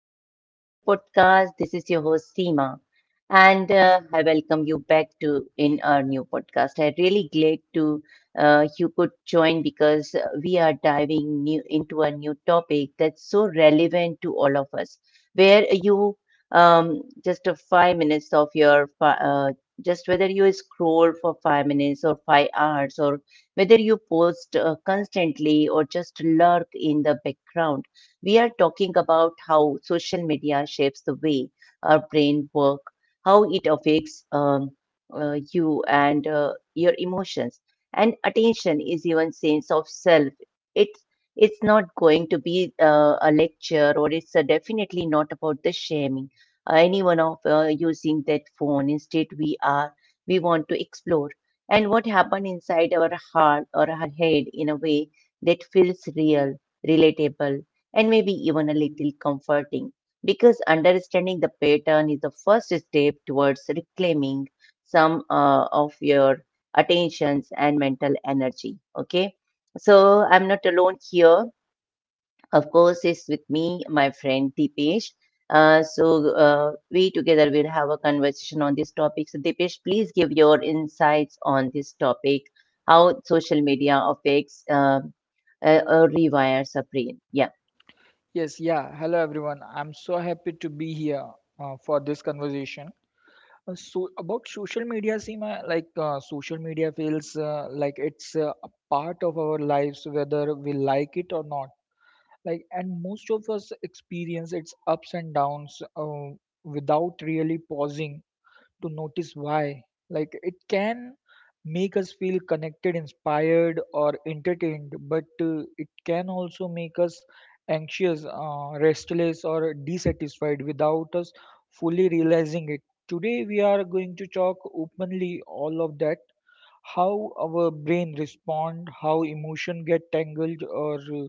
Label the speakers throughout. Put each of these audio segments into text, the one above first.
Speaker 1: Welcome back to our new podcast. This is your host Seema, and I welcome you back to in our new podcast. I'm really glad to you could join because we are diving new into a new topic that's so relevant to all of us. Where you just a five minutes of your just whether you scroll for five minutes or five hours or whether you post constantly or just lurk in the background. We are talking about how social media shapes the way our brain work, how it affects you and your emotions, and attention is even sense of self. It's it's not going to be a lecture, or it's definitely not about the shaming anyone of using that phone. Instead, we want to explore and what happened inside our heart or our head in a way that feels real, relatable, and maybe even a little comforting, because understanding the pattern is the first step towards reclaiming some of your attentions and mental energy. Okay, so I'm not alone here. Of course, it's with me my friend Deepesh. We together will have a conversation on this topic, so Deepesh, please give your insights on this topic, how social media affects rewires a brain, yeah.
Speaker 2: Yes, yeah. Hello, everyone. I'm so happy to be here for this conversation. So about social media, Seema, social media feels like it's a part of our lives, whether we like it or not. And most of us experience its ups and downs without really pausing to notice why. Like it can make us feel connected, inspired, or entertained, but it can also make us anxious, restless, or dissatisfied without us fully realizing it. Today, we are going to talk openly all of that, how our brain respond, how emotion get tangled, or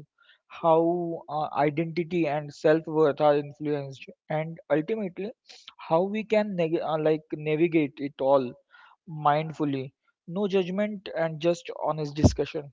Speaker 2: how identity and self-worth are influenced, and ultimately how we can navigate it all mindfully. No judgment and just honest discussion.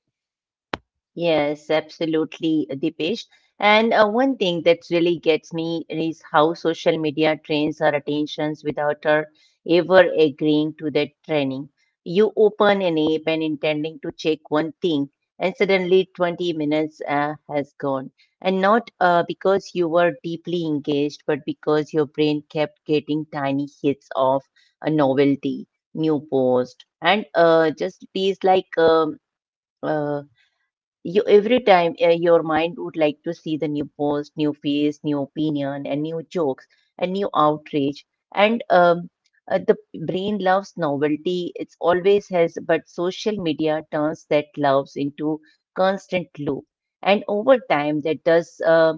Speaker 1: Yes, absolutely, Dipesh. And one thing that really gets me is how social media trains our attentions without our ever agreeing to that training. You open an app and intending to check one thing, and suddenly 20 minutes has gone. And not because you were deeply engaged, but because your brain kept getting tiny hits of a novelty, new post, and just it is like um, uh, you every time your mind would like to see the new post, new face, new opinion, and new jokes, and new outrage, and the brain loves novelty, it's always has, but social media turns that loves into constant loop, and over time that does uh,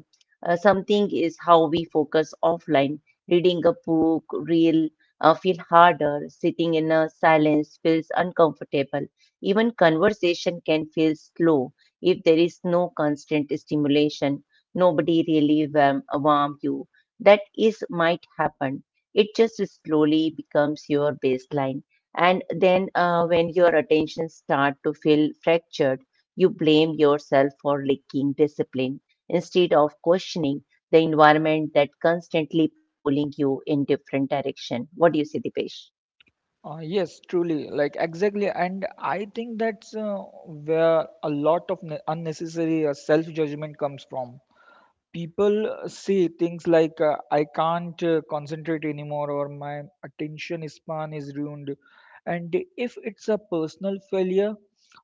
Speaker 1: uh, something is how we focus offline, reading a book real feel harder, sitting in a silence feels uncomfortable, even conversation can feel slow if there is no constant stimulation, nobody really warm you. That is might happen. It just slowly becomes your baseline. And then when your attention start to feel fractured, you blame yourself for lacking discipline instead of questioning the environment that constantly pulling you in different direction. What do you say, Dipesh?
Speaker 2: Yes, truly, like exactly, and I think that's where a lot of unnecessary self-judgment comes from. People say things like I can't concentrate anymore or my attention span is ruined, and if it's a personal failure.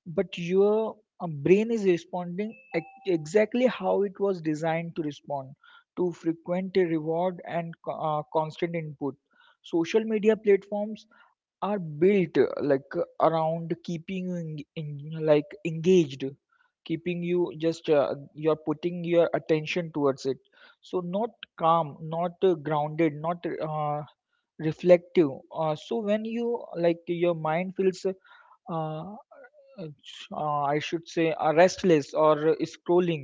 Speaker 2: But your brain is responding exactly how it was designed to respond to frequent reward and constant input. Social media platforms are built around keeping you engaged, keeping you just you're putting your attention towards it, so not calm, not grounded, not reflective. So when you like your mind feels uh, I should say restless or scrolling,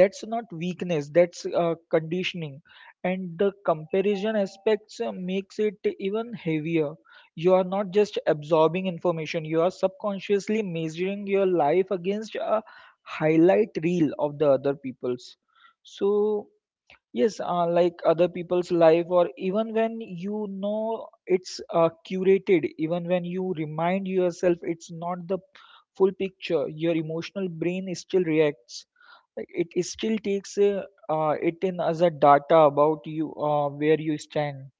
Speaker 2: that's not weakness, that's conditioning. And the comparison aspects makes it even heavier. You are not just absorbing information, you are subconsciously measuring your life against a highlight reel of the other people's. So yes, like other people's life, or even when you know it's curated, even when you remind yourself it's not the full picture, your emotional brain is still reacts. It still takes it in as a data about you, where you stand.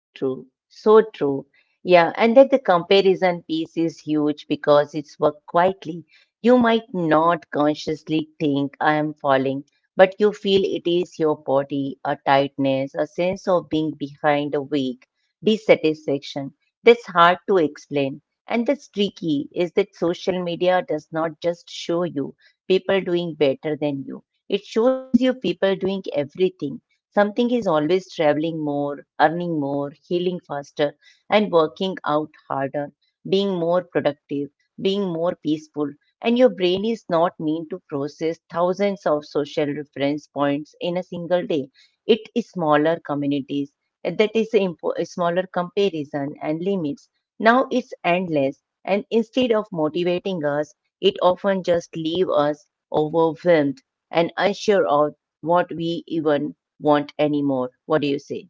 Speaker 1: So true, so true. Yeah, and then the comparison piece is huge because it's work quietly. You might not consciously think I am falling, but you feel it is your body, a tightness, a sense of being behind a weak, dissatisfaction. That's hard to explain. And that's tricky is that social media does not just show you people doing better than you. It shows you people doing everything. Something is always traveling more, earning more, healing faster, and working out harder, being more productive, being more peaceful. And your brain is not meant to process thousands of social reference points in a single day. It is smaller communities. That is a a smaller comparison and limits. Now it's endless. And instead of motivating us, it often just leaves us overwhelmed and unsure of what we even want anymore. What do you say?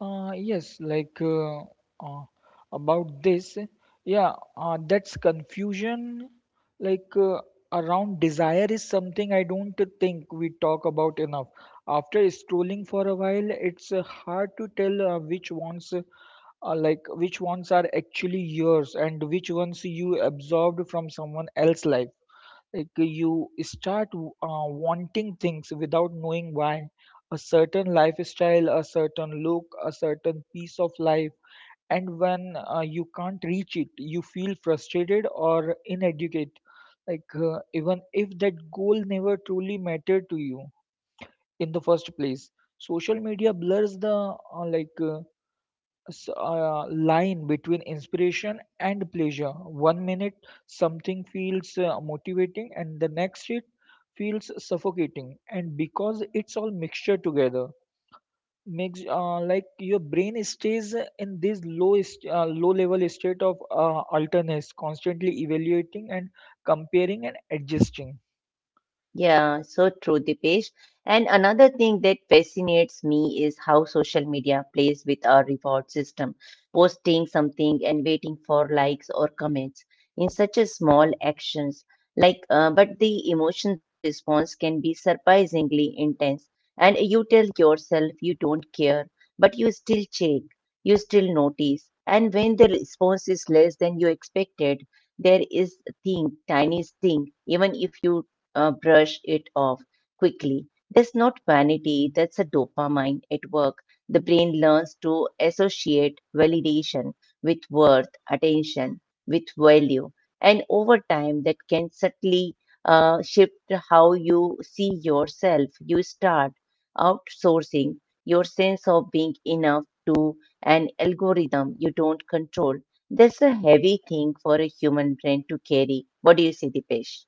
Speaker 2: Uh, yes, like uh, uh, about this, yeah, that's confusion. Like uh, Around desire is something I don't think we talk about enough. After scrolling for a while, it's hard to tell which ones are actually yours and which ones you absorbed from someone else's life. Like you start wanting things without knowing why, a certain lifestyle, a certain look, a certain piece of life. And when you can't reach it, you feel frustrated or inadequate, even if that goal never truly mattered to you in the first place. Social media blurs the s- uh, line between inspiration and pleasure. One minute something feels motivating, and the next it feels suffocating. And because it's all mixture together, makes like your brain stays in this low level state of alertness, constantly evaluating and comparing and adjusting.
Speaker 1: Yeah, so true, Dipesh. And another thing that fascinates me is how social media plays with our reward system, posting something and waiting for likes or comments in such a small actions. Like, but the emotion response can be surprisingly intense, and you tell yourself you don't care, but you still check, you still notice, and when the response is less than you expected, there is thing, tiny thing, even if you brush it off quickly. That's not vanity, that's a dopamine at work. The brain learns to associate validation with worth, attention with value. And over time, that can subtly shift how you see yourself. You start outsourcing your sense of being enough to an algorithm you don't control. That's a heavy thing for a human brain to carry. What do you say, Dipesh?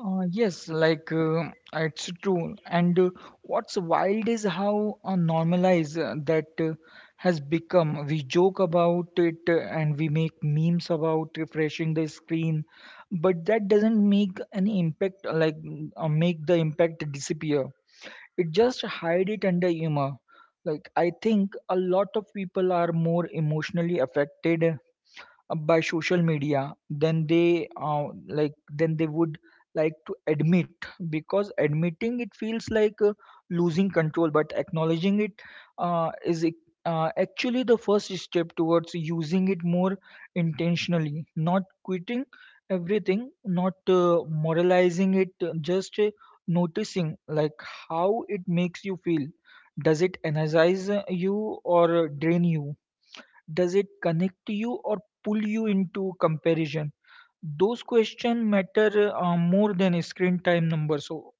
Speaker 1: Yeah.
Speaker 2: It's true. And what's wild is how normalized that has become. We joke about it and we make memes about refreshing the screen, but that doesn't make any impact, make the impact disappear. It just hide it under humor. Like I think a lot of people are more emotionally affected by social media then they then they would like to admit, because admitting it feels like losing control, but acknowledging it uh, is ac- actually the first step towards using it more intentionally. Not quitting everything, not moralizing it, just noticing like how it makes you feel. Does it energize you or drain you? Does it connect you or pull you into comparison? Those questions matter more than screen time number. So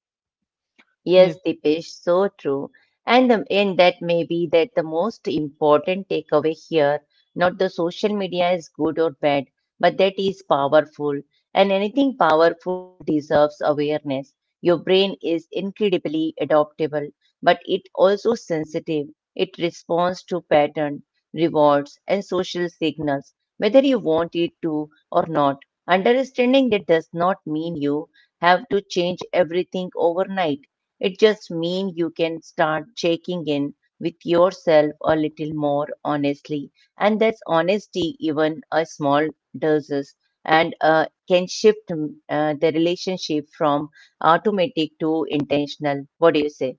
Speaker 2: yes,
Speaker 1: Yes, Dipesh, so true. And, the, and that may be that the most important takeaway here, not the social media is good or bad, but that is powerful. And anything powerful deserves awareness. Your brain is incredibly adaptable, but it also sensitive. It responds to pattern, rewards, and social signals, whether you want it to or not. Understanding that does not mean you have to change everything overnight, it just means you can start checking in with yourself a little more honestly. And that's honesty, even a small doses, and can shift the relationship from automatic to intentional. What do you say?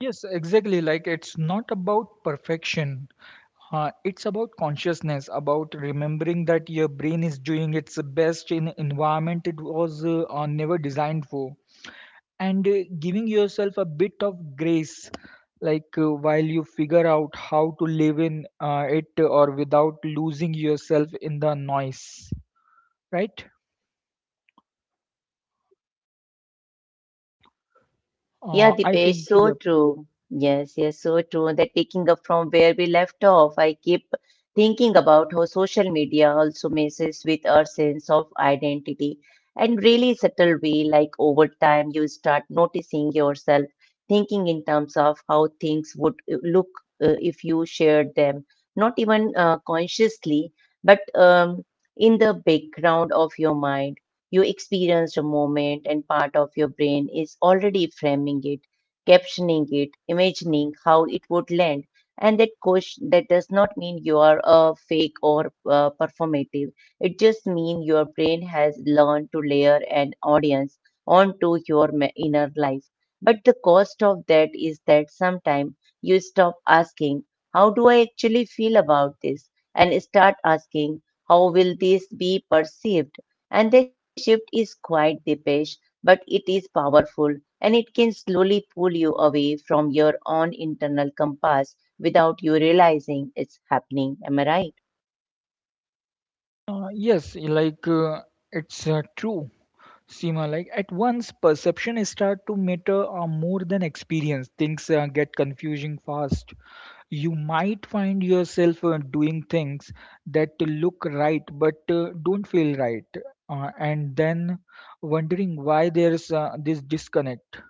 Speaker 2: yes, exactly. Like it's not about perfection. It's about consciousness, about remembering that your brain is doing its best in environment it was never designed for, and giving yourself a bit of grace, while you figure out how to live in it or without losing yourself in the noise, right?
Speaker 1: Yeah,
Speaker 2: I
Speaker 1: Dipesh,
Speaker 2: think,
Speaker 1: so
Speaker 2: yep.
Speaker 1: true. Yes, yes, so true. That picking up from where we left off, I keep thinking about how social media also messes with our sense of identity and really subtle way, like over time you start noticing yourself, thinking in terms of how things would look if you shared them, not even consciously, but in the background of your mind. You experienced a moment, and part of your brain is already framing it, captioning it, imagining how it would land. And that question, that does not mean you are a fake or performative. It just means your brain has learned to layer an audience onto your inner life. But the cost of that is that sometimes you stop asking, how do I actually feel about this? And start asking, how will this be perceived? And the shift is quite deepish, but it is powerful and it can slowly pull you away from your own internal compass without you realizing it's happening. Am I right?
Speaker 2: Uh, yes, like uh, it's true, Seema. Like at once, perception is start to matter more than experience. Things get confusing fast. You might find yourself doing things that look right but don't feel right, and then wondering why there's this disconnect.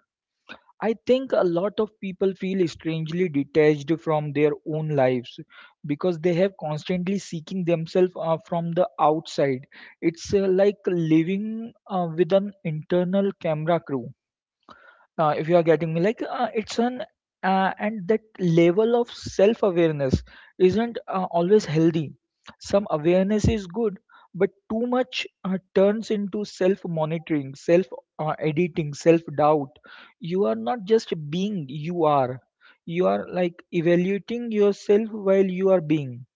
Speaker 2: I think a lot of people feel strangely detached from their own lives because they have constantly seeking themselves from the outside. It's like living with an internal camera crew, if you are getting me, like it's an and that level of self awareness isn't always healthy. Some awareness is good, but too much turns into self monitoring, self editing, self doubt. You are not just being, you are like evaluating yourself while you are being.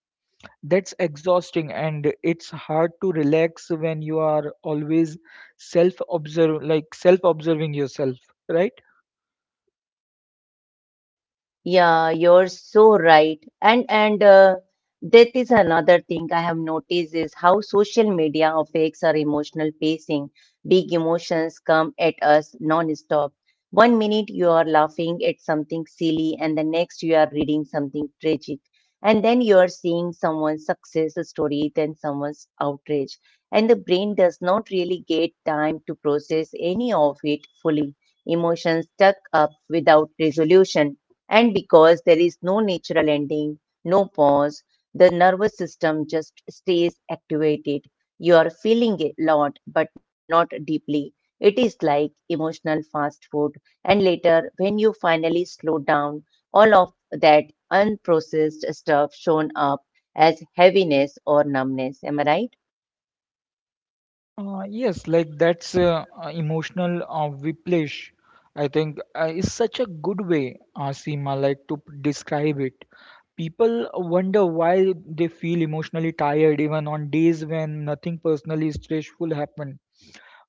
Speaker 2: That's exhausting, and it's hard to relax when you are always self observe like self observing yourself, right?
Speaker 1: Yeah, you're so right. And that is another thing I have noticed is how social media affects our emotional pacing. Big emotions come at us non-stop. One minute you are laughing at something silly, and the next you are reading something tragic, and then you are seeing someone's success story, then someone's outrage, and the brain does not really get time to process any of it fully. Emotions stuck up without resolution, and because there is no natural ending, no pause, the nervous system just stays activated. You are feeling a lot, but not deeply. It is like emotional fast food. And later, when you finally slow down, all of that unprocessed stuff shown up as heaviness or numbness. Am I right?
Speaker 2: That's emotional whiplash. I think is such a good way, Seema, like to describe it. People wonder why they feel emotionally tired even on days when nothing personally stressful happened,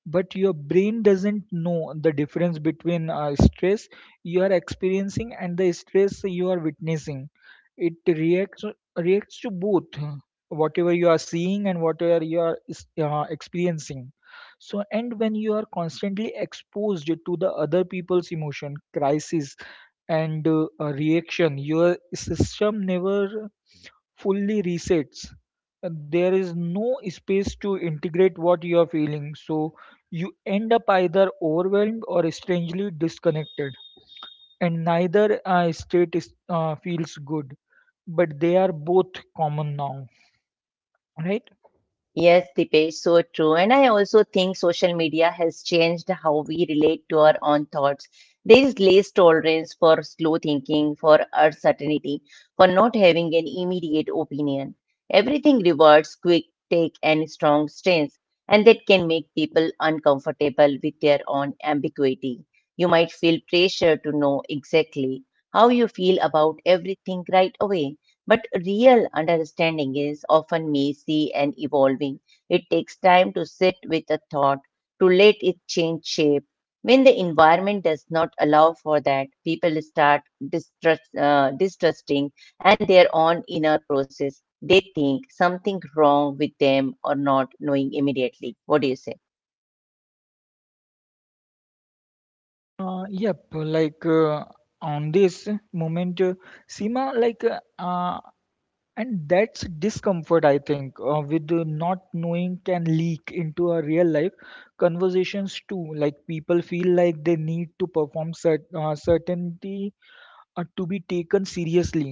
Speaker 2: but your brain doesn't know the difference between stress you are experiencing and the stress you are witnessing. It reacts to both, whatever you are seeing and whatever you are experiencing. So and when you are constantly exposed to the other people's emotion crisis and reaction, your system never fully resets. There is no space to integrate what you are feeling, so you end up either overwhelmed or strangely disconnected, and neither state is, feels good, but they are both common now, right?
Speaker 1: Yes, Dipesh, so true. And I also think social media has changed how we relate to our own thoughts. There is less tolerance for slow thinking, for uncertainty, for not having an immediate opinion. Everything rewards quick take and strong stance, and that can make people uncomfortable with their own ambiguity. You might feel pressure to know exactly how you feel about everything right away. But real understanding is often messy and evolving. It takes time to sit with a thought, to let it change shape. When the environment does not allow for that, people start distrusting and their own inner process. They think something wrong with them or not knowing immediately. What do you say?
Speaker 2: Uh, yep like on this moment sima like uh, And that's discomfort, I think, with the not knowing can leak into our real life conversations too. Like people feel like they need to perform certainty to be taken seriously.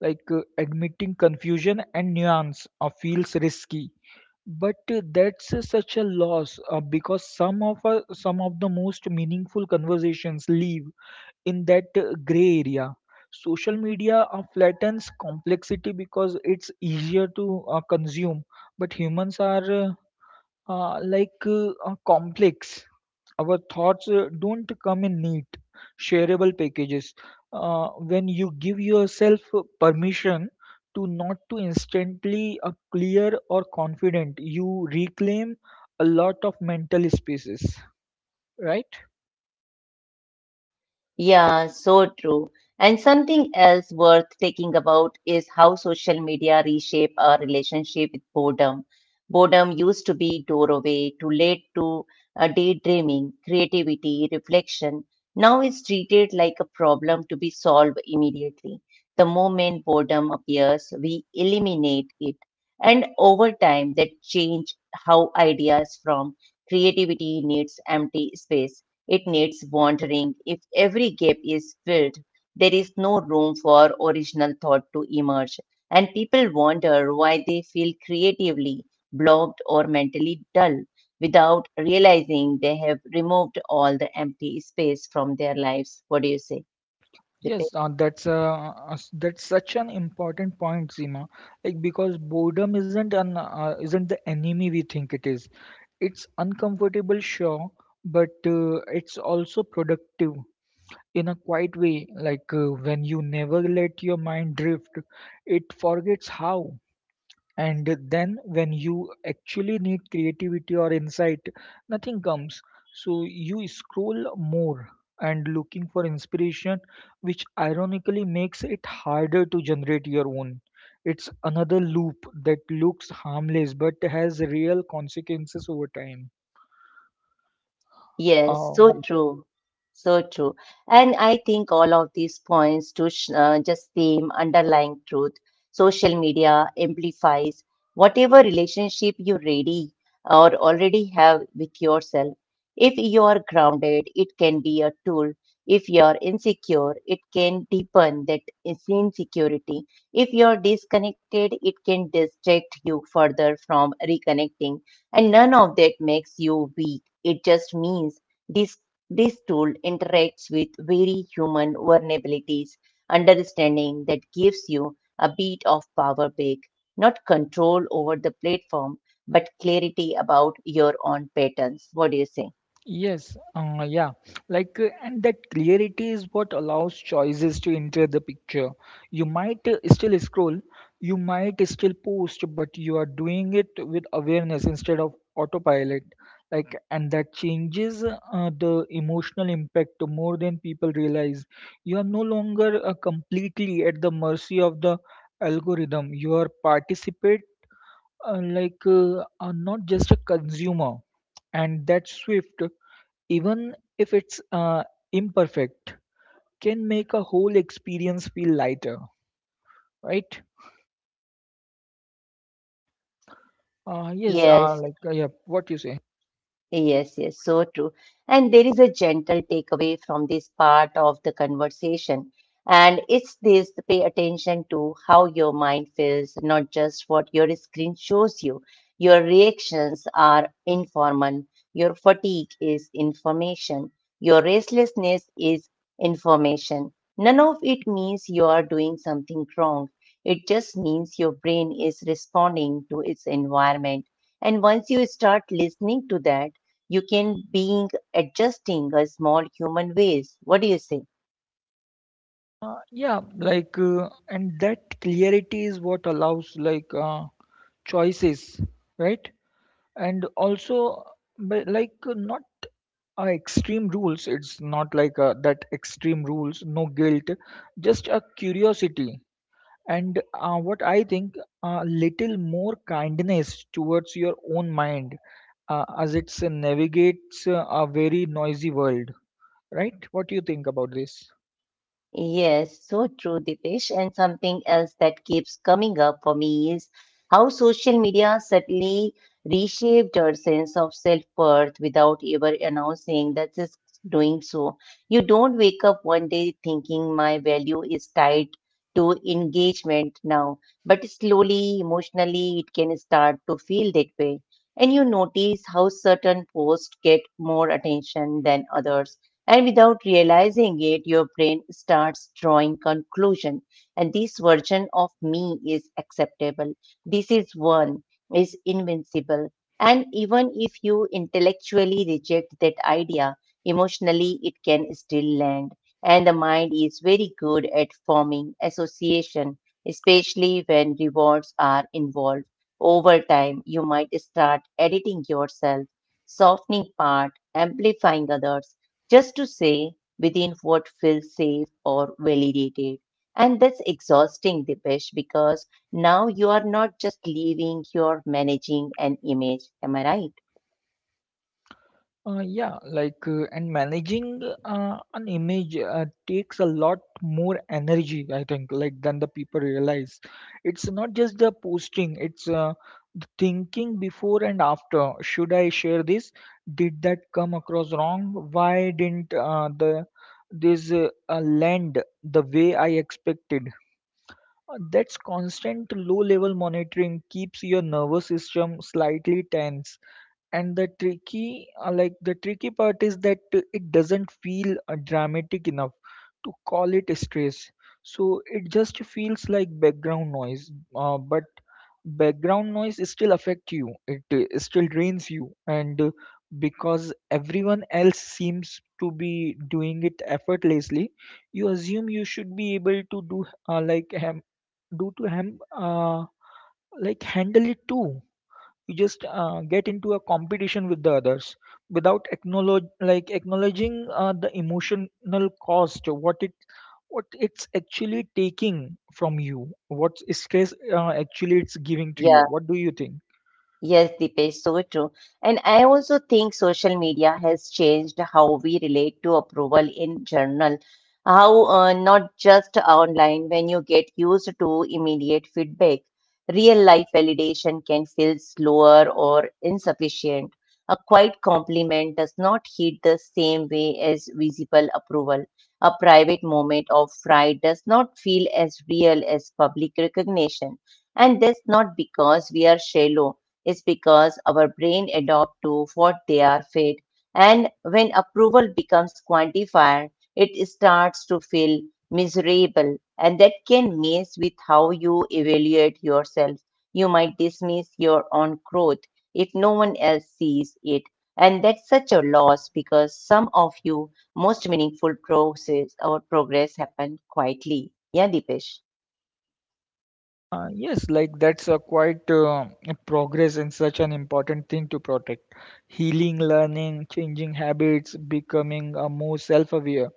Speaker 2: Admitting confusion and nuance feels risky. But that's such a loss because some of the most meaningful conversations leave in that gray area. Social media flattens complexity because it's easier to consume, but humans are complex. Our thoughts don't come in neat, shareable packages. When you give yourself permission to not to instantly clear or confident, you reclaim a lot of mental spaces, right?
Speaker 1: Yeah, so true. And something else worth thinking about is how social media reshape our relationship with boredom. Boredom used to be doorway to lead to daydreaming, creativity, reflection. Now it's treated like a problem to be solved immediately. The moment boredom appears, we eliminate it. And over time, that change how ideas from creativity needs empty space. It needs wandering. If every gap is filled, there is no room for original thought to emerge and people wonder why they feel creatively blocked or mentally dull without realizing they have removed all the empty space from their lives. What do you say, Dipesh?
Speaker 2: Yes, uh, that's uh, that's such an important point, Seema. Like because boredom isn't an isn't the enemy we think it is. It's uncomfortable, sure, but it's also productive in a quiet way. When you never let your mind drift, it forgets how. And then when you actually need creativity or insight, nothing comes. So you scroll more and looking for inspiration, which ironically makes it harder to generate your own. It's another loop that looks harmless but has real consequences over time.
Speaker 1: Yes,
Speaker 2: Oh.
Speaker 1: so true. So true. And I think all of these points to just same underlying truth. Social media amplifies whatever relationship you ready or already have with yourself. If you are grounded, it can be a tool. If you are insecure, it can deepen that insecurity. If you are disconnected, it can distract you further from reconnecting. And none of that makes you weak, it just means this this tool interacts with very human vulnerabilities, understanding that gives you a bit of power back, not control over the platform, but clarity about your own patterns. What do you say?
Speaker 2: Yes, uh, yeah, and that clarity is what allows choices to enter the picture. You might still scroll, you might still post, but you are doing it with awareness instead of autopilot. And that changes the emotional impact more than people realize. You are no longer completely at the mercy of the algorithm. You are participate, are not just a consumer, and that swift, even if it's imperfect, can make a whole experience feel lighter, right?
Speaker 1: Yes,
Speaker 2: What you say.
Speaker 1: yes, yes, so true. And there is a gentle takeaway from this part of the conversation. And it's this pay attention to how your mind feels, not just what your screen shows you. Your reactions are informal, your fatigue is information, your restlessness is information. None of it means you are doing something wrong. It just means your brain is responding to its environment. And once you start listening to that, you can being adjusting a small human ways. What do you say?
Speaker 2: And that clarity is what allows, choices, right? And also, but not extreme rules. It's not that extreme rules, no guilt, just a curiosity. And what I think, a little more kindness towards your own mind as it navigates a very noisy world, right? What do you think about this?
Speaker 1: Yes, so true, Dipesh. And something else that keeps coming up for me is how social media subtly reshaped our sense of self-worth without ever announcing that it's doing so. You don't wake up one day thinking my value is tied to engagement now, but slowly, emotionally, it can start to feel that way. And you notice how certain posts get more attention than others, and without realizing it, your brain starts drawing conclusion. And this version of me is acceptable. This is one, is invincible. And even if you intellectually reject that idea, emotionally it can still land. And the mind is very good at forming association, especially when rewards are involved. Over time, you might start editing yourself, softening part, amplifying others just to say within what feels safe or validated. And that's exhausting, Dipesh, because now you are not just leaving, you're managing an image. Am I right?
Speaker 2: And managing an image takes a lot more energy, I think, like than the people realize. It's not just the posting; it's the thinking before and after. Should I share this? Did that come across wrong? Why didn't the this land the way I expected? That's constant low-level monitoring keeps your nervous system slightly tense, and the tricky the tricky part is that it doesn't feel dramatic enough to call it stress, so it just feels like background noise, but background noise still affect you. It still drains you. And Because everyone else seems to be doing it effortlessly, you assume you should be able to do like ham- do to him like handle it too. You just get into a competition with the others without acknowledge like acknowledging the emotional cost, what it, what it's actually taking from you, what stress actually it's giving to you.
Speaker 1: Yeah.
Speaker 2: What do you think?
Speaker 1: Yes, Deepesh, so true. And I also think social media has changed how we relate to approval in general. How not just online, when you get used to immediate feedback, real life validation can feel slower or insufficient. A quiet compliment does not hit the same way as visible approval. A private moment of pride does not feel as real as public recognition. And that's not because we are shallow, is because our brain adapt to what they are fed, and when approval becomes quantified, it starts to feel miserable. And that can mess with how you evaluate yourself. You might dismiss your own growth if no one else sees it. And that's such a loss, because some of you most meaningful process or progress happened quietly. Yeah, Dipesh.
Speaker 2: Yes, like that's a progress, and such an important thing to protect. Healing, learning, changing habits, becoming more self-aware,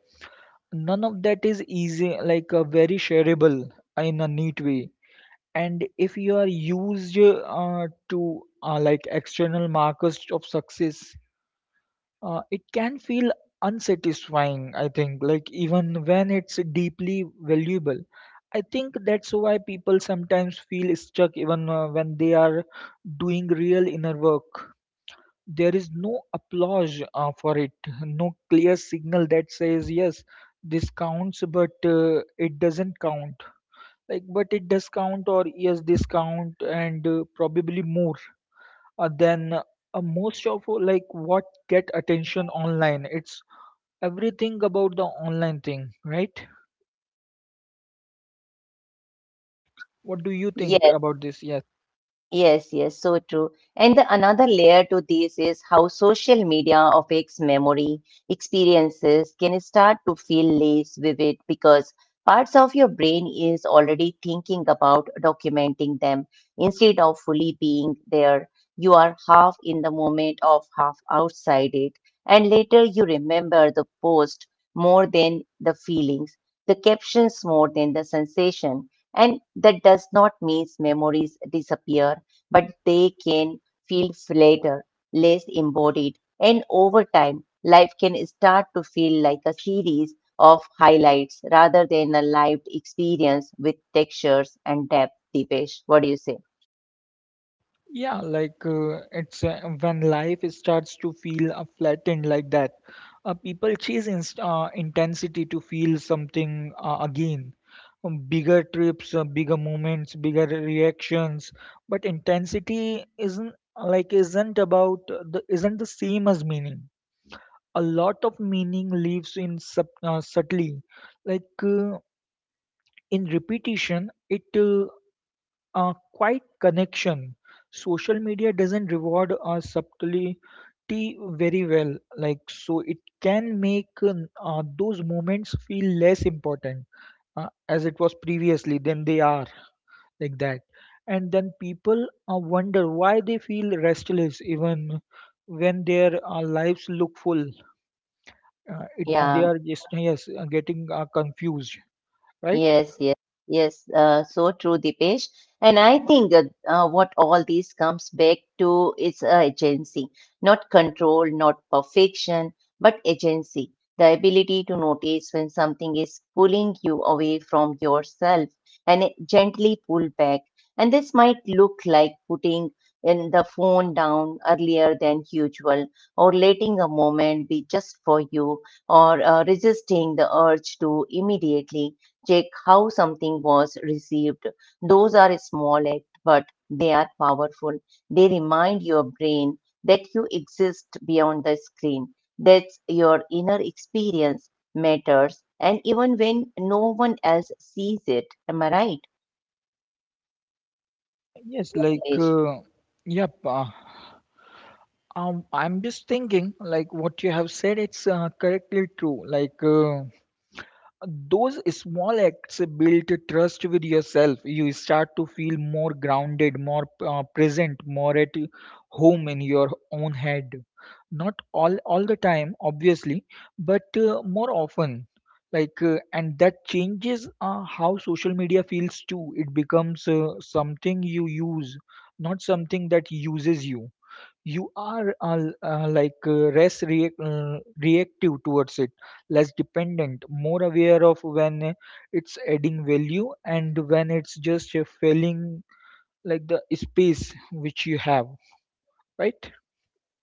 Speaker 2: none of that is easy, like very shareable in a neat way. And if you are used to external markers of success, it can feel unsatisfying, I think, like even when it's deeply valuable. I think that's why people sometimes feel stuck even when they are doing real inner work. There is no applause for it, no clear signal that says yes, this counts. But it doesn't count, like, but it does count, or yes discount, and probably more than most of like what get attention online. It's everything about the online thing, right? What do you think about this? Yes.
Speaker 1: Yes, yes, so true. And the another layer to this is how social media affects memory. Experiences can start to feel less vivid because parts of your brain is already thinking about documenting them instead of fully being there. You are half in the moment of half outside it, and later you remember the post more than the feelings, the captions more than the sensation. And that does not mean memories disappear, but they can feel flatter, less embodied, and over time, life can start to feel like a series of highlights rather than a lived experience with textures and depth. Deepesh, what do you say?
Speaker 2: Yeah, like it's when life starts to feel flattened like that. People chase inst intensity to feel something again. Bigger trips, bigger moments, bigger reactions. But intensity isn't like isn't about the isn't the same as meaning. A lot of meaning lives in subtly, like uh, in repetition. It A quiet connection. Social media doesn't reward subtlety very well, like, so it can make those moments feel less important as it was previously than they are, like that. And then people wonder why they feel restless even when their lives look full. It, they
Speaker 1: Yeah.
Speaker 2: are just yes getting confused, right?
Speaker 1: Yes, yes, yes. So true, Dipesh. And I think what all this comes back to is agency, not control, not perfection, but agency. The ability to notice when something is pulling you away from yourself and it gently pull back. And this might look like putting in the phone down earlier than usual, or letting a moment be just for you, or resisting the urge to immediately check how something was received. Those are small acts, but they are powerful. They remind your brain that you exist beyond the screen, that your inner experience matters, and even when no one else sees it. Am I right?
Speaker 2: Yes, like
Speaker 1: Nilesh?
Speaker 2: yep. I'm just thinking, like what you have said, it's correctly true. Like those small acts build trust with yourself. You start to feel more grounded, more present, more at home in your own head. Not all the time, obviously, but more often. Like and that changes how social media feels too. It becomes something you use, not something that uses you. You are less reactive towards it, less dependent, more aware of when it's adding value and when it's just filling like the space which you have, right?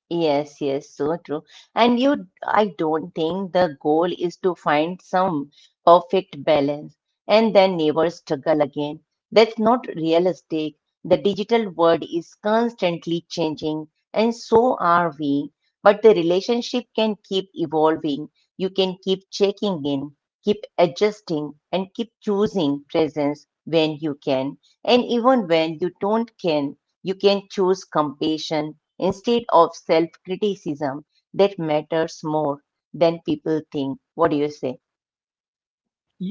Speaker 1: Yes, yes, so true. And you, I don't think the goal is to find some perfect balance and then never struggle again. That's not realistic. The digital world is constantly changing, and so are we. But the relationship can keep evolving. You can keep checking in, keep adjusting, and keep choosing presence when you can. And even when you don't can, you can choose compassion instead of self criticism. That matters more than people think. What do you say?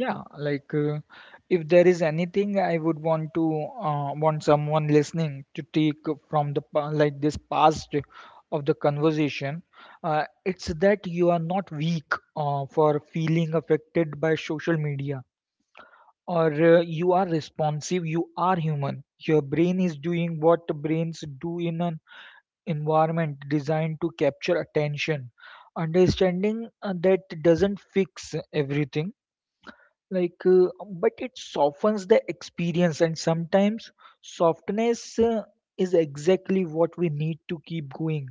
Speaker 2: Yeah, like if there is anything I would want to want someone listening to take from the pa- like this past of the conversation, it's that you are not weak for feeling affected by social media, or you are responsive, you are human. Your brain is doing what brains do in an environment designed to capture attention. Understanding that doesn't fix everything, like but it softens the experience, and sometimes softness is exactly what we need to keep going.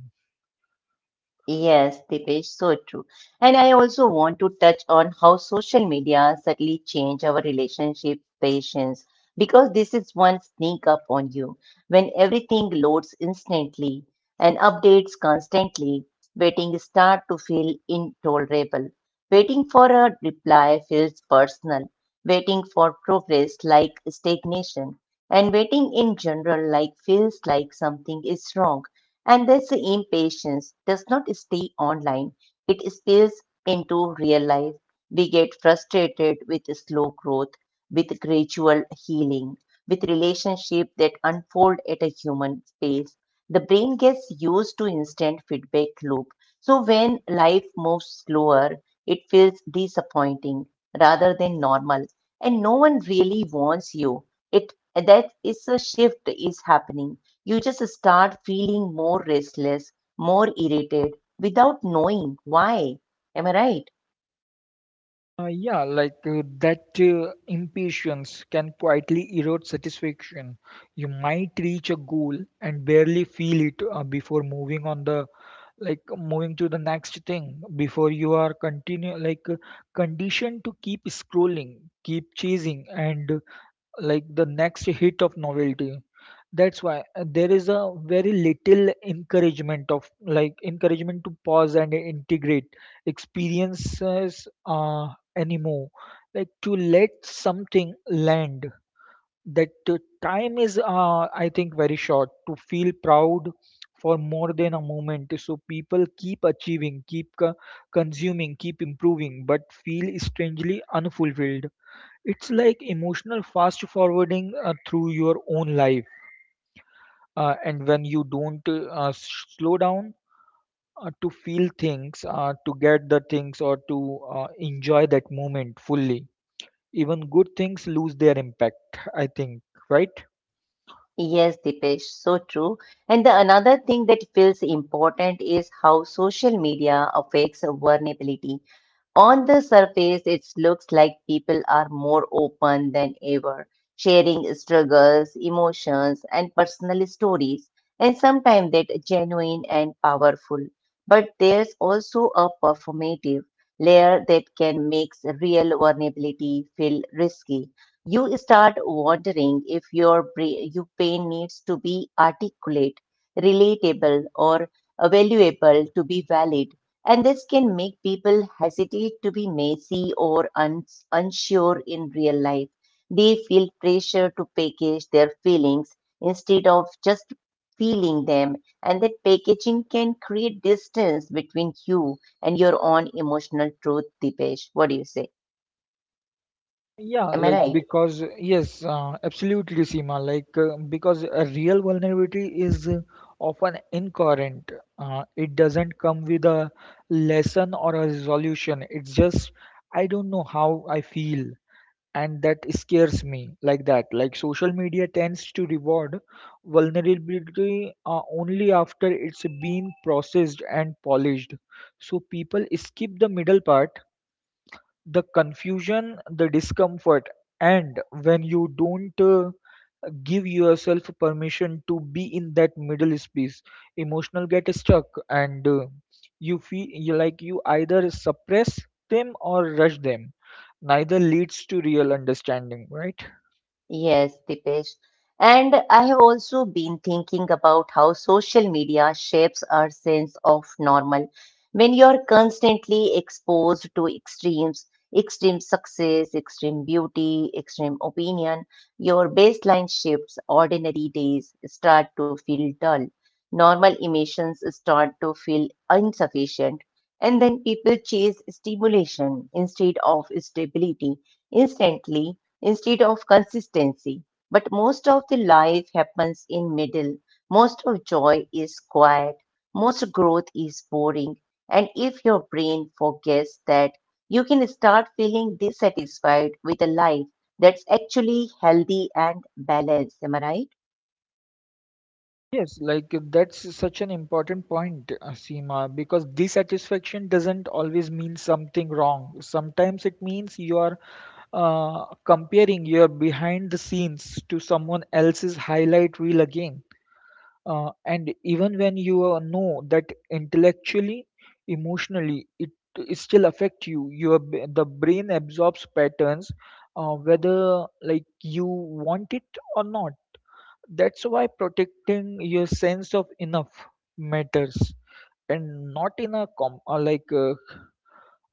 Speaker 1: Yes, Dipesh, so true. And I also want to touch on how social media subtly change our relationship patience, because this is one sneak up on you. When everything loads instantly and updates constantly, waiting start to feel intolerable. Waiting for a reply feels personal. Waiting for progress like stagnation. And waiting in general like feels like something is wrong. And this impatience does not stay online, it spills into real life. We get frustrated with slow growth, with gradual healing, with relationships that unfold at a human pace. The brain gets used to instant feedback loop. So when life moves slower, it feels disappointing rather than normal. And no one really wants you. It that is a shift is happening, you just start feeling more restless, more irritated without knowing why. Am I right?
Speaker 2: Yeah, like that impatience can quietly erode satisfaction. You might reach a goal and barely feel it before moving to the next thing before you are continue, like conditioned to keep scrolling, keep chasing, and like the next hit of novelty. That's why there is a very little encouragement of like encouragement to pause and integrate experiences anymore, like to let something land. That time is I think very short to feel proud for more than a moment, so people keep achieving, keep consuming, keep improving, but feel strangely unfulfilled. It's like emotional fast forwarding through your own life. And when you don't slow down to feel things, to get the things, or to enjoy that moment fully, even good things lose their impact, I think, right?
Speaker 1: Yes, Dipesh, so true. And the another thing that feels important is how social media affects vulnerability. On the surface, it looks like people are more open than ever, sharing struggles, emotions, and personal stories, and sometimes that genuine and powerful. But there's also a performative layer that can make real vulnerability feel risky. You start wondering if your pain needs to be articulate, relatable, or valuable to be valid. And this can make people hesitate to be messy or unsure in real life. They feel pressure to package their feelings instead of just feeling them. And that packaging can create distance between you and your own emotional truth, Dipesh. What do you say?
Speaker 2: Yeah,
Speaker 1: Am I
Speaker 2: like
Speaker 1: right?
Speaker 2: because yes, absolutely, Seema. Like because a real vulnerability is often incoherent. It doesn't come with a lesson or a resolution. It's just, I don't know how I feel, and that scares me. Like that. Like social media tends to reward vulnerability only after it's been processed and polished. So people skip the middle part, the confusion, the discomfort, and when you don't give yourself permission to be in that middle space, emotional get stuck, and you feel you, like you either suppress them or rush them. Neither leads to real understanding, right?
Speaker 1: Yes, Dipesh. And I have also been thinking about how social media shapes our sense of normal. When you're constantly exposed to extremes, extreme success, extreme beauty, extreme opinion, your baseline shifts, ordinary days start to feel dull, normal emotions start to feel insufficient, and then people chase stimulation instead of stability, instantly instead of consistency. But most of the life happens in middle. Most of joy is quiet. Most growth is boring. And if your brain forgets that, you can start feeling dissatisfied with a life that's actually healthy and balanced. Am I right?
Speaker 2: Yes, like that's such an important point, Seema, because dissatisfaction doesn't always mean something wrong. Sometimes it means you are comparing your behind the scenes to someone else's highlight reel again. And even when you know that intellectually, emotionally, it still affect you. The brain absorbs patterns, whether like you want it or not. That's why protecting your sense of enough matters, and not in a com like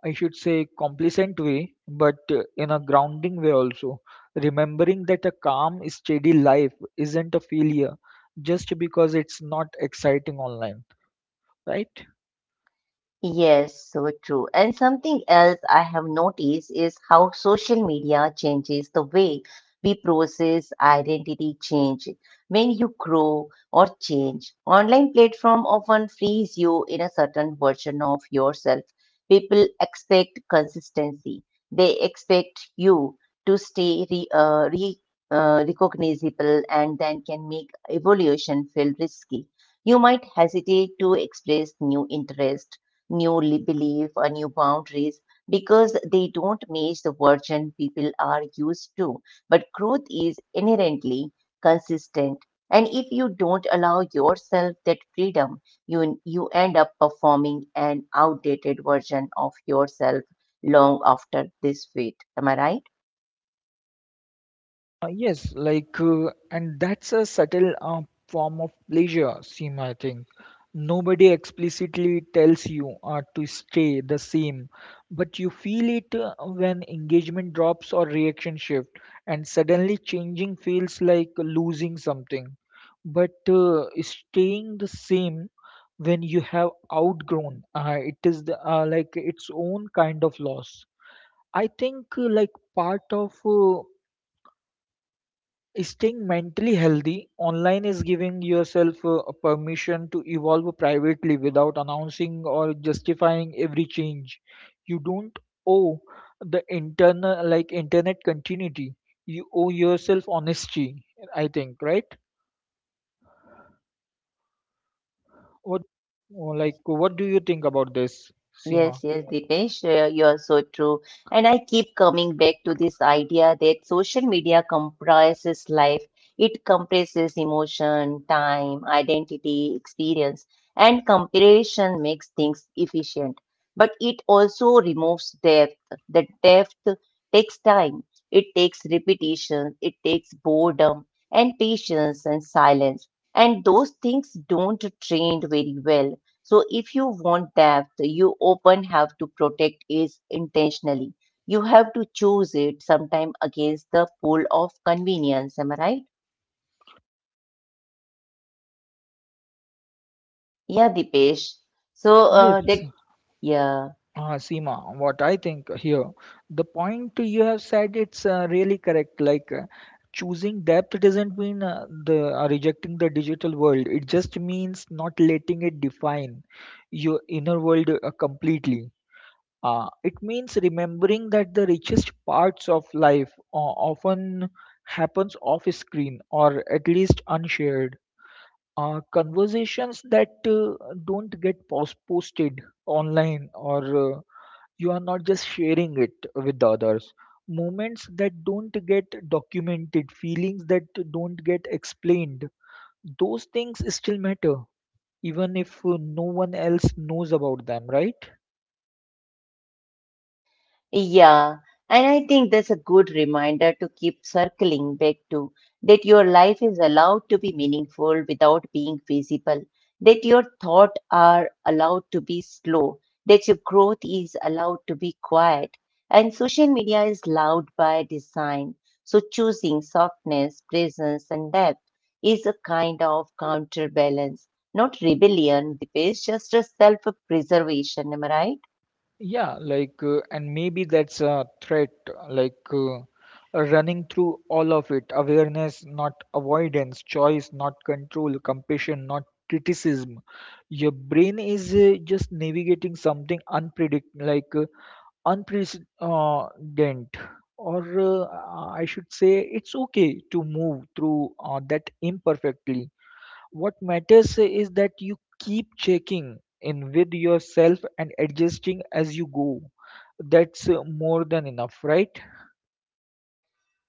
Speaker 2: I should say, complacent way, but in a grounding way also. Remembering that a calm, steady life isn't a failure just because it's not exciting online, right?
Speaker 1: Yes, so true. And something else I have noticed is how social media changes the way we process identity change. When you grow or change, online platform often frees you in a certain version of yourself. People expect consistency. They expect you to stay recognizable, and then can make evolution feel risky. You might hesitate to express new interest, belief or new boundaries because they don't match the version people are used to. But growth is inherently consistent. And if you don't allow yourself that freedom, you end up performing an outdated version of yourself long after this fate. Am I right?
Speaker 2: Yes, like and that's a subtle form of pleasure, Seema, I think. Nobody explicitly tells you to stay the same, but you feel it when engagement drops or reaction shift, and suddenly changing feels like losing something. But staying the same when you have outgrown, it is the, its own kind of loss. I think like part of staying mentally healthy online is giving yourself a permission to evolve privately without announcing or justifying every change. You don't owe the internal like internet continuity, you owe yourself honesty, I think, right? What,
Speaker 1: Yes.
Speaker 2: like what do you think about this, Seema?
Speaker 1: Yes, yes, Dipesh, you're so true. And I keep coming back to this idea that social media comprises life. It compresses emotion, time, identity, experience, and comparison makes things efficient. But it also removes depth. The depth takes time, it takes repetition, it takes boredom and patience and silence. And those things don't trend very well, so if you want depth, you often have to protect it intentionally. You have to choose it sometime against the pull of convenience. Am I right? Yeah, Dipesh. So that.
Speaker 2: Yes.
Speaker 1: Yeah,
Speaker 2: Seema, what I think here, the point you have said, it's really correct. Like choosing depth doesn't mean the rejecting the digital world. It just means not letting it define your inner world completely. It means remembering that the richest parts of life often happens off screen, or at least unshared. Conversations that don't get posted online, or you are not just sharing it with the others, moments that don't get documented, feelings that don't get explained, those things still matter, even if no one else knows about them, right?
Speaker 1: yeah, and I think that's a good reminder to keep circling back to, that your life is allowed to be meaningful without being visible, that your thoughts are allowed to be slow, that your growth is allowed to be quiet. And social media is loud by design. So choosing softness, presence, and depth is a kind of counterbalance, not rebellion, Dipesh, just a self preservation. Am I right?
Speaker 2: Yeah, like and maybe that's a threat, like running through all of it: awareness, not avoidance; choice, not control; compassion, not criticism. Your brain is just navigating something unpredict like unprecedented, or I should say, it's okay to move through that imperfectly. What matters is that you keep checking in with yourself and adjusting as you go. That's more than enough, right?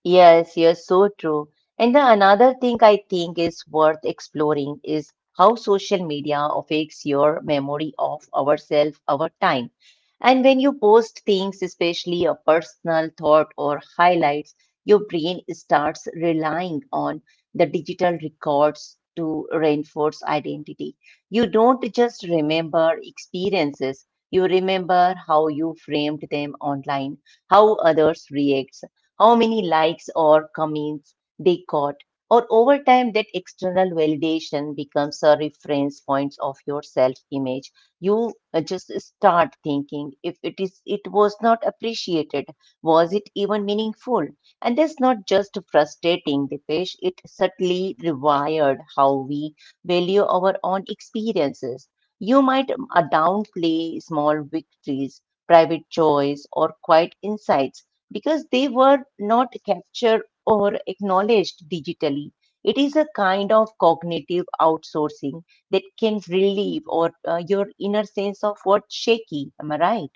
Speaker 1: Yes, you're so true. And the another thing I think is worth exploring is how social media affects your memory of ourselves over time. And when you post things, especially a personal thought or highlights, your brain starts relying on the digital records to reinforce identity. You don't just remember experiences, you remember how you framed them online, how others react, how many likes or comments they got, or over time that external validation becomes a reference point of your self image. You just start thinking, if it is it was not appreciated, was it even meaningful? And that's not just frustrating, Dipesh, it certainly rewired how we value our own experiences. You might downplay small victories, private joys, or quiet insights because they were not captured or acknowledged digitally. It is a kind of cognitive outsourcing that can relieve or your inner sense of what's shaky. Am I right?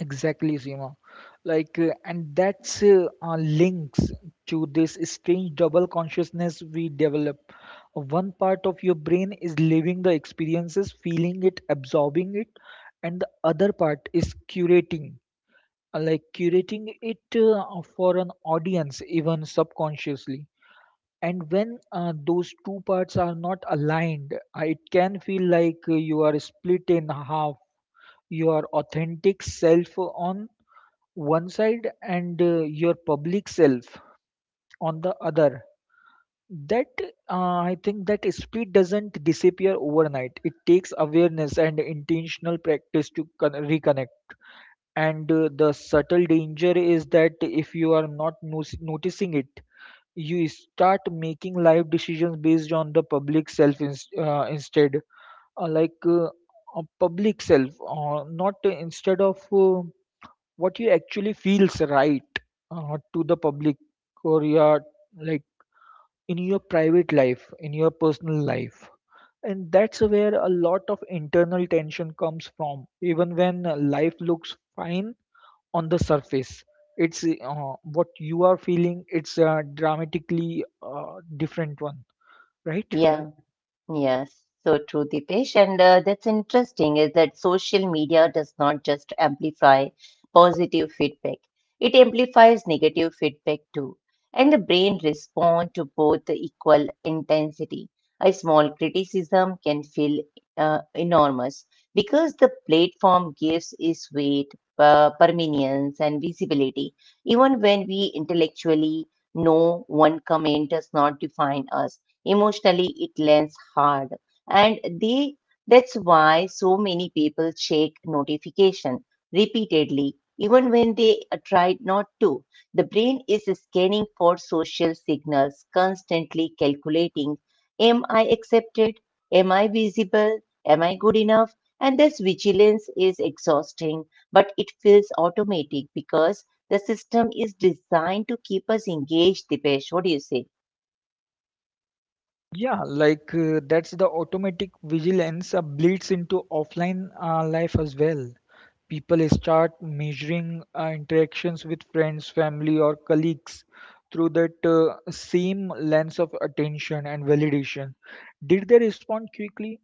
Speaker 2: Exactly, Seema. Like, and that's links to this strange double consciousness we develop. One part of your brain is living the experiences, feeling it, absorbing it, and the other part is curating it for an audience, even subconsciously. And when those two parts are not aligned, it can feel like you are split in half. Your authentic self on one side, and your public self on the other. That I think that split doesn't disappear overnight. It takes awareness and intentional practice to reconnect, and the subtle danger is that if you are not noticing it, you start making life decisions based on the public self, instead, uh, like uh, a public self, not instead of what you actually feels, right? To the public, or your, like in your private life, in your personal life, and that's where a lot of internal tension comes from even when life looks fine on the surface. It's what you are feeling, it's a dramatically different one, right?
Speaker 1: Yeah. Yes, so true, Dipesh. And that's interesting is that social media does not just amplify positive feedback, it amplifies negative feedback too. And the brain responds to both the equal intensity. A small criticism can feel enormous because the platform gives its weight, permanence, and visibility. Even when we intellectually know one comment does not define us, emotionally it lands hard. And they, that's why so many people check notification repeatedly, even when they tried not to. The brain is scanning for social signals, constantly calculating, am I accepted, am I visible, am I good enough? And this vigilance is exhausting, but it feels automatic because the system is designed to keep us engaged. Dipesh, what do you say?
Speaker 2: Yeah, like that's the automatic vigilance bleeds into offline life as well. People start measuring interactions with friends, family, or colleagues through that same lens of attention and validation. Did they respond quickly?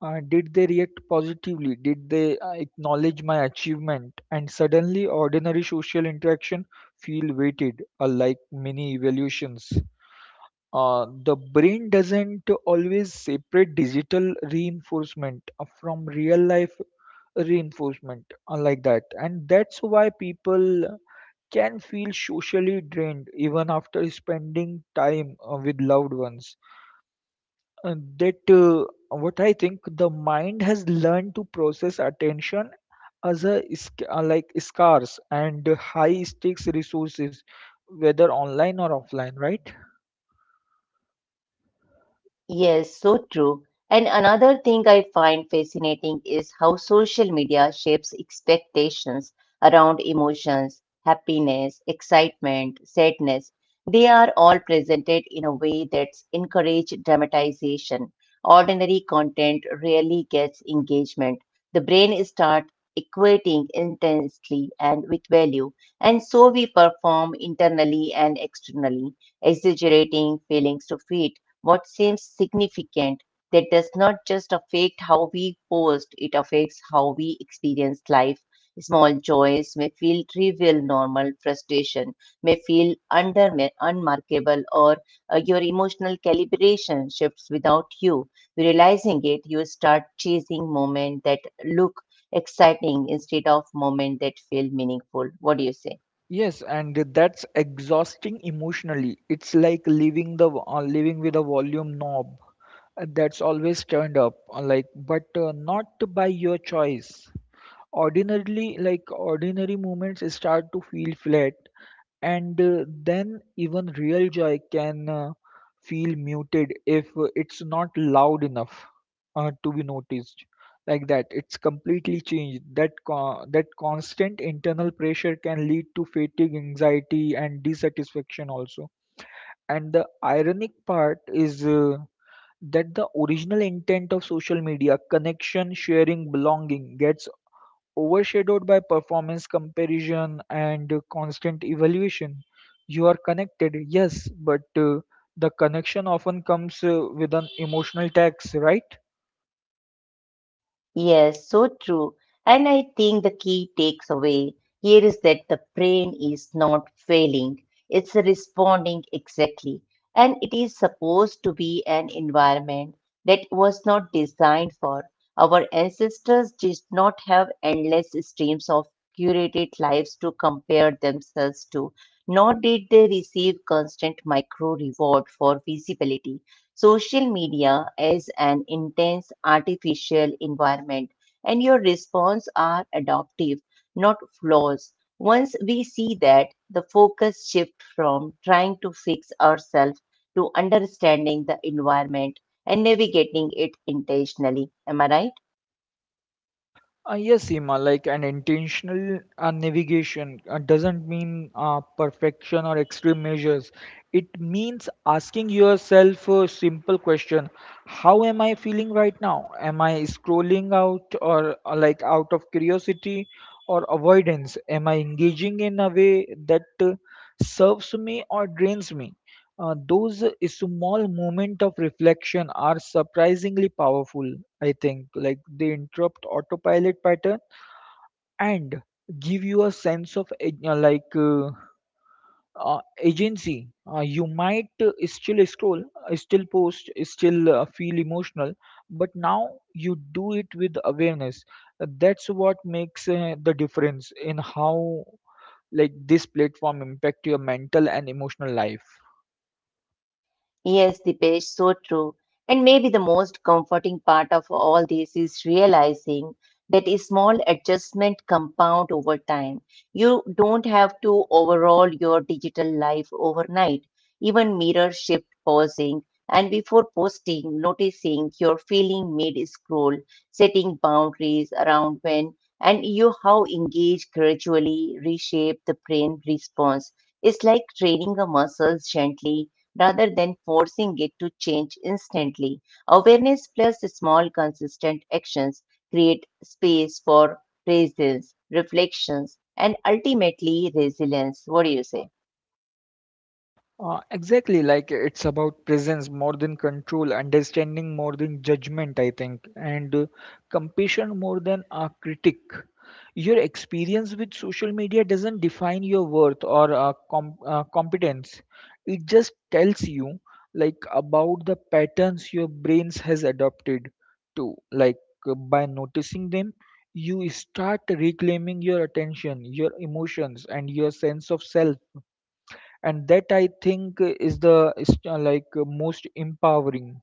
Speaker 2: Did they react positively? Did they acknowledge my achievement? And suddenly, ordinary social interaction feel weighted, like mini evaluations. The brain doesn't always separate digital reinforcement from real life reinforcement like that, and that's why people can feel socially drained even after spending time with loved ones. And that what I think, the mind has learned to process attention as a scarce and high stakes resources, whether online or offline, right?
Speaker 1: Yes, so true. And another thing I find fascinating is how social media shapes expectations around emotions, happiness, excitement, sadness. They are all presented in a way that's encourage dramatization. Ordinary content rarely gets engagement. The brain starts equating intensity and with value, and so we perform internally and externally, exaggerating feelings to fit what seems significant that does not just affect how we post, it affects how we experience life. Small joys may feel trivial, normal frustration may feel under unmarkable, or your emotional calibration shifts without you realizing it. You start chasing moments that look exciting instead of moments that feel meaningful. What do you say?
Speaker 2: Yes, and that's exhausting emotionally. It's like living with a volume knob that's always turned up, but not by your choice. Ordinarily, like ordinary moments start to feel flat and then even real joy can feel muted if it's not loud enough to be noticed, like that it's completely changed. That that constant internal pressure can lead to fatigue, anxiety, and dissatisfaction also. And the ironic part is that the original intent of social media, connection, sharing, belonging, gets overshadowed by performance, comparison, and constant evaluation. You are connected, yes, but the connection often comes with an emotional tax, right?
Speaker 1: Yes, so true. And I think the key takes away here is that the brain is not failing, it's responding exactly. And it is supposed to be an environment that was not designed for. Our ancestors did not have endless streams of curated lives to compare themselves to, nor did they receive constant micro reward for visibility. Social media is an intense artificial environment and your response are adaptive, not flaws. Once we see that, the focus shift from trying to fix ourselves to understanding the environment and navigating it intentionally. Am I right?
Speaker 2: Yes, Seema, like an intentional navigation doesn't mean perfection or extreme measures. It means asking yourself a simple question: how am I feeling right now? Am I scrolling out or like out of curiosity or avoidance? Am I engaging in a way that serves me or drains me? Those small moments of reflection are surprisingly powerful, I think. Like, they interrupt autopilot pattern and give you a sense of agency. You might still scroll, still post, still feel emotional, but now you do it with awareness. That's what makes the difference in how like this platform impact your mental and emotional life.
Speaker 1: Yes, Dipesh, so true. And maybe the most comforting part of all this is realizing that a small adjustment compound over time. You don't have to overhaul your digital life overnight. Even mirror shift pausing and before posting, noticing your feeling mid scroll, setting boundaries around when and you how engage gradually reshape the brain response. It's like training a muscle gently rather than forcing it to change instantly. Awareness plus small consistent actions create space for presence, reflections, and ultimately resilience. What do you say?
Speaker 2: Exactly, like it's about presence more than control, understanding more than judgment, I think, and compassion more than a critic. Your experience with social media doesn't define your worth or competence. It just tells you, like, about the patterns your brains has adopted to. Like, by noticing them, you start reclaiming your attention, your emotions, and your sense of self, and that I think is the like most empowering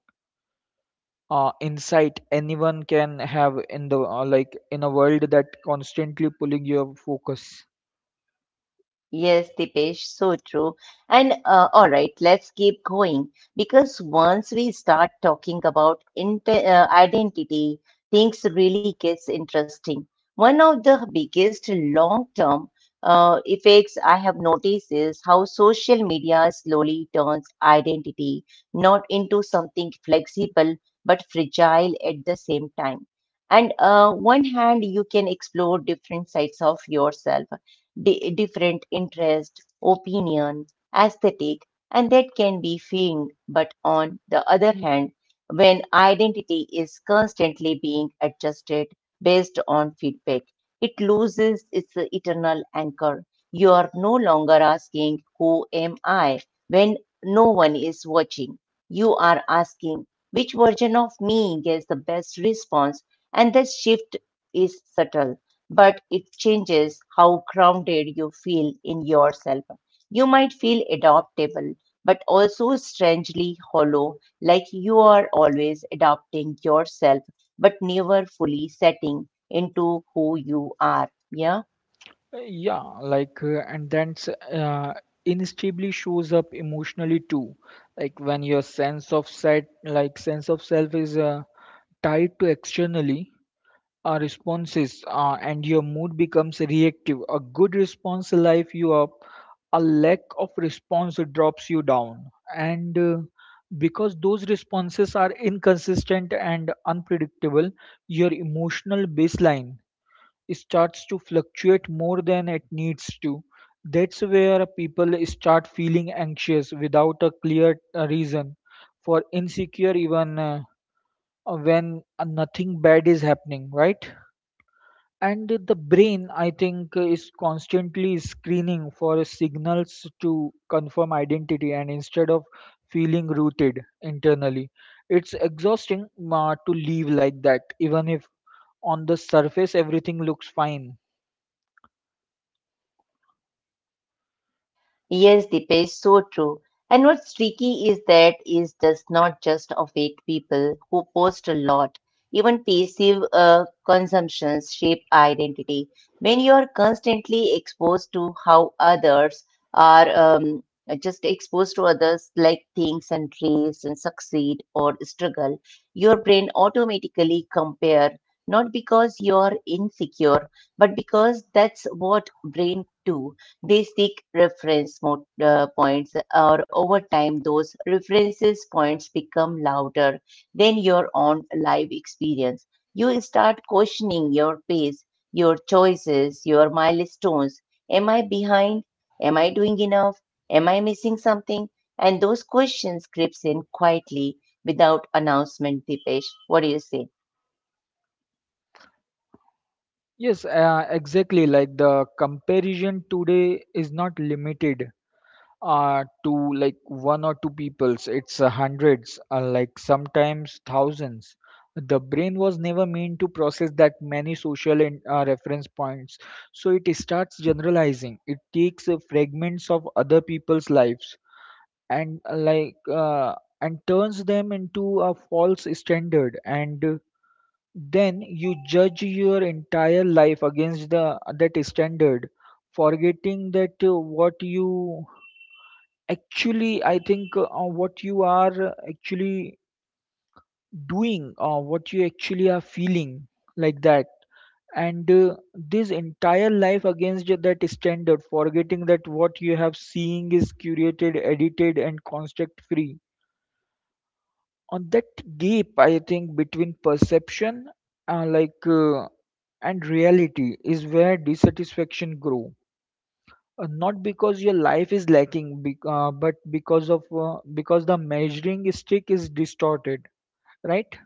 Speaker 2: insight anyone can have in the like in a world that constantly pulling your focus.
Speaker 1: Yes, Dipesh, so true. And All right, let's keep going because once we start talking about inte identity, things really gets interesting. One of the biggest long-term effects I have noticed is how social media slowly turns identity not into something flexible but fragile at the same time and one hand you can explore different sides of yourself different interests, opinions, aesthetic, and that can be freeing but on the other hand when identity is constantly being adjusted based on feedback it loses its eternal anchor. You are no longer asking who am I when no one is watching. You are asking which version of me gets the best response, and that shift is subtle, but it changes how grounded you feel in yourself. You might feel adaptable, but also strangely hollow, like you are always adapting yourself, but never fully setting into who you are. Yeah.
Speaker 2: Uh, Yeah, like and that's inescapably shows up emotionally too. Like, when your sense of set like sense of self is tied to externally responses and your mood becomes reactive. A good response life you up, a lack of response drops you down, and because those responses are inconsistent and unpredictable, your emotional baseline starts to fluctuate more than it needs to. That's where people start feeling anxious without a clear reason, for insecure even when nothing bad is happening, right? And the brain, I think, is constantly screening for signals to confirm identity, and instead of feeling rooted internally, it's exhausting to live like that, even if on the surface everything looks fine.
Speaker 1: Yes, Deepesh, so true. And what's tricky is that is does not just affect people who post a lot. Even passive consumptions shape identity. When you are constantly exposed to how others are just exposed to others like things and race and succeed or struggle, your brain automatically compare not because you are insecure, but because that's what brain do. They seek reference points, or over time, those references points become louder than your own life experience. You start questioning your pace, your choices, your milestones. Am I behind? Am I doing enough? Am I missing something? And those questions creeps in quietly without announcement, Dipesh. What do you say?
Speaker 2: Yes, exactly, like the comparison today is not limited to like one or two peoples, it's hundreds, like sometimes thousands. The brain was never meant to process that many social and reference points, so it starts generalizing. It takes fragments of other people's lives and turns them into a false standard, and then you judge your entire life against the that standard, forgetting that what you actually, I think, what you are actually doing or what you actually are feeling, like that. And this entire life against that standard, forgetting that what you have seeing is curated, edited, and construct free. On that gap, I think, between perception uh, like uh, and reality is where dissatisfaction grow, not because your life is lacking, but because of because the measuring stick is distorted, right?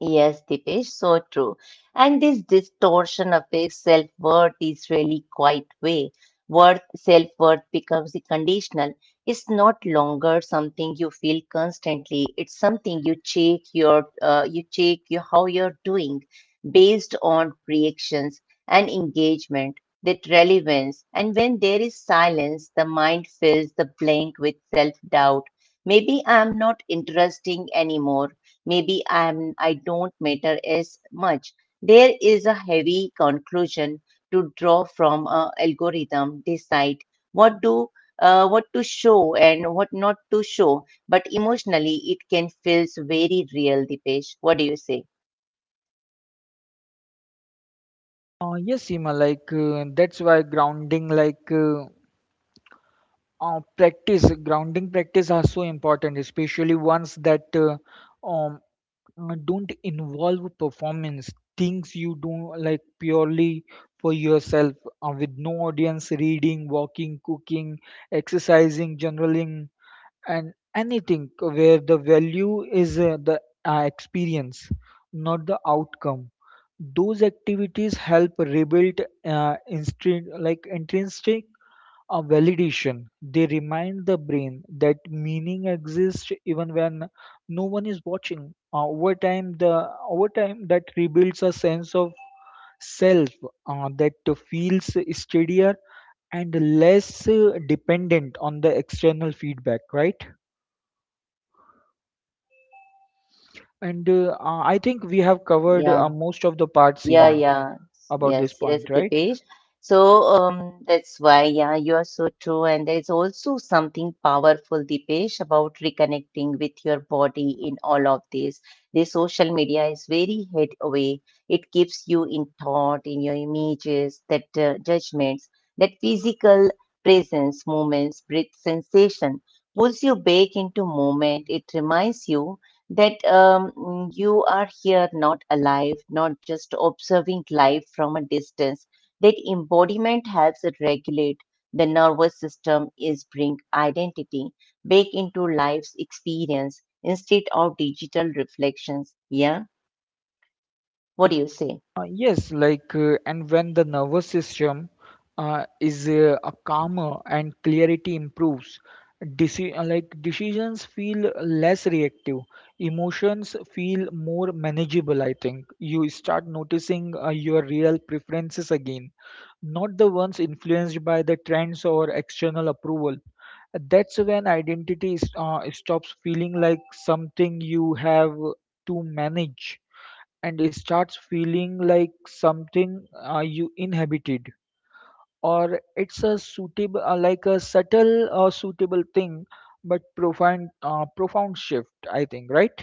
Speaker 1: Yes, Dipesh, so true. And this distortion affects self worth is really quite way. Worth self worth becomes the conditional. It's not longer something you feel constantly. It's something you check you check your how you're doing based on reactions and engagement, that relevance. And when there is silence, the mind fills the blank with self doubt. Maybe I'm not interesting anymore. Maybe I don't matter as much. There is a heavy conclusion to draw from a algorithm decide what do what to show and what not to show. But emotionally, it can feels very real, Dipesh. What do you say?
Speaker 2: Yes, Seema, like that's why grounding practice are so important, especially ones that um, don't involve performance, things you do like purely for yourself with no audience, reading, walking, cooking, exercising, journaling, and anything where the value is the experience, not the outcome. Those activities help rebuild intrinsic validation. They remind the brain that meaning exists even when no one is watching. Over time that rebuilds a sense of self that feels steadier and less dependent on the external feedback, right? And I think we have covered
Speaker 1: Yeah.
Speaker 2: most of the part,
Speaker 1: Yeah,
Speaker 2: Seema,
Speaker 1: yeah.
Speaker 2: about this
Speaker 1: Yes, yes,
Speaker 2: point, right?
Speaker 1: Dipesh. So that's why, yeah, you are so true. And there's also something powerful, Dipesh, about reconnecting with your body in all of this. The social media is very head away. It keeps you in thought, in your images, that judgments, that physical presence, movements, breath, sensation pulls you back into moment. It reminds you that you are here not alive, not just observing life from a distance. That embodiment helps it regulate the nervous system, is bring identity back into life's experience instead of digital reflections. Yeah, what do you say?
Speaker 2: Yes, like, and when the nervous system is a calmer and clarity improves, decisions feel less reactive, emotions feel more manageable. I think you start noticing your real preferences again, not the ones influenced by the trends or external approval. That's when identity stops feeling like something you have to manage, and it starts feeling like something you inhabited, or it's a suitable like a subtle or suitable thing, but profound profound shift, I think, right?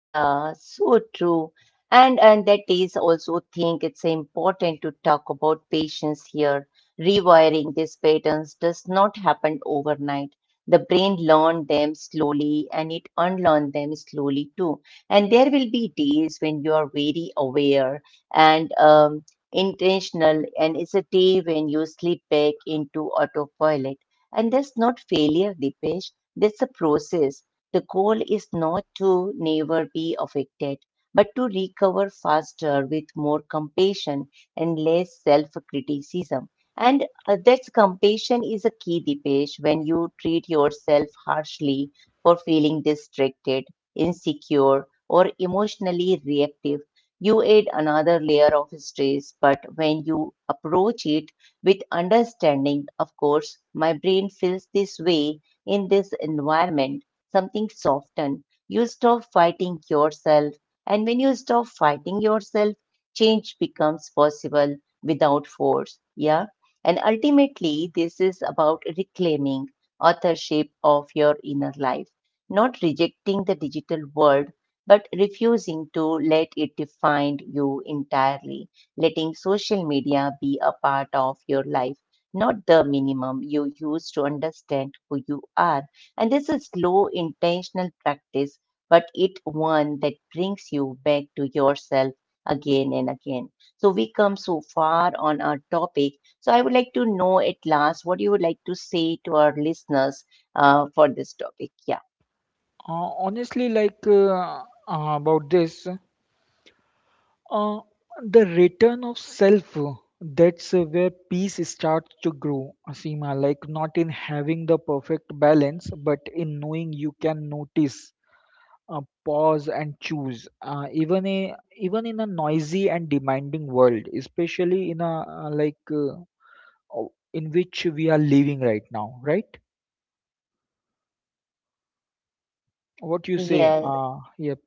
Speaker 1: Yeah, so true. And that is also think it's important to talk about patience here. Rewiring these patterns does not happen overnight. The brain learned them slowly and it unlearned them slowly too. And there will be days when you are very aware and intentional, and it's a day when you slip back into autopilot. And that's not failure, Dipesh. That's a process. The goal is not to never be affected, but to recover faster with more compassion and less self criticism. And that's compassion is a key, Dipesh, when you treat yourself harshly for feeling distracted, insecure, or emotionally reactive. You add another layer of stress, but when you approach it with understanding, of course, my brain feels this way in this environment something soften. You stop fighting yourself. And when you stop fighting yourself, change becomes possible without force. Yeah. And ultimately, this is about reclaiming authorship of your inner life, not rejecting the digital world, but refusing to let it define you entirely, letting social media be a part of your life, not the minimum you use to understand who you are. And this is low intentional practice, but it one that brings you back to yourself again and again. So we come so far on our topic. So I would like to know at last what you would like to say to our listeners for this topic. Yeah.
Speaker 2: Uh, honestly like about this Uh, the return of self, that's where peace starts to grow, Asima. Like, not in having the perfect balance, but in knowing you can notice, pause, and choose. Even in a noisy and demanding world, especially in a in which we are living right now, right? What you say?
Speaker 1: Yes.
Speaker 2: Yep.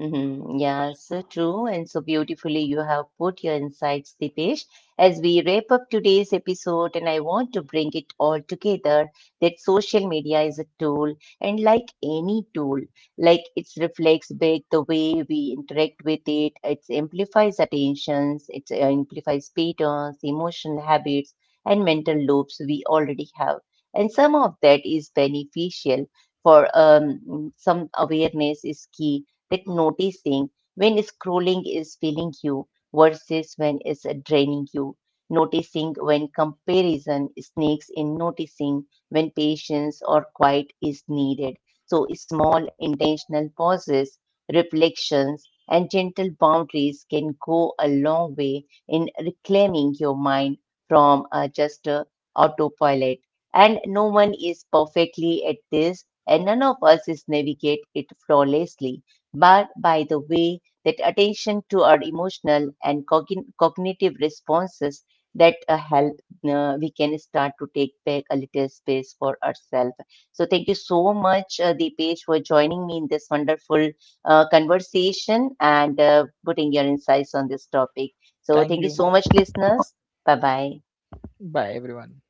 Speaker 1: Mm-hmm. Yeah, so true and so beautifully you have put your insights, Deepesh. As we wrap up today's episode, and I want to bring it all together that social media is a tool, and like any tool, like it reflects back the way we interact with it, it amplifies attentions, it amplifies patterns, emotional habits, and mental loops we already have. And some of that is beneficial for some awareness is key that noticing when scrolling is filling you versus when it's draining you, noticing when comparison sneaks in, noticing when patience or quiet is needed. So, small intentional pauses, reflections, and gentle boundaries can go a long way in reclaiming your mind from just autopilot. And no one is perfectly at this, and none of us is navigate it flawlessly but by the way that attention to our emotional and cognitive responses that help we can start to take back a little space for ourselves. So thank you so much Deepesh for joining me in this wonderful conversation and putting your insights on this topic. So
Speaker 2: Thank
Speaker 1: thank you so
Speaker 2: you.
Speaker 1: much listeners, bye bye.
Speaker 2: Bye, everyone.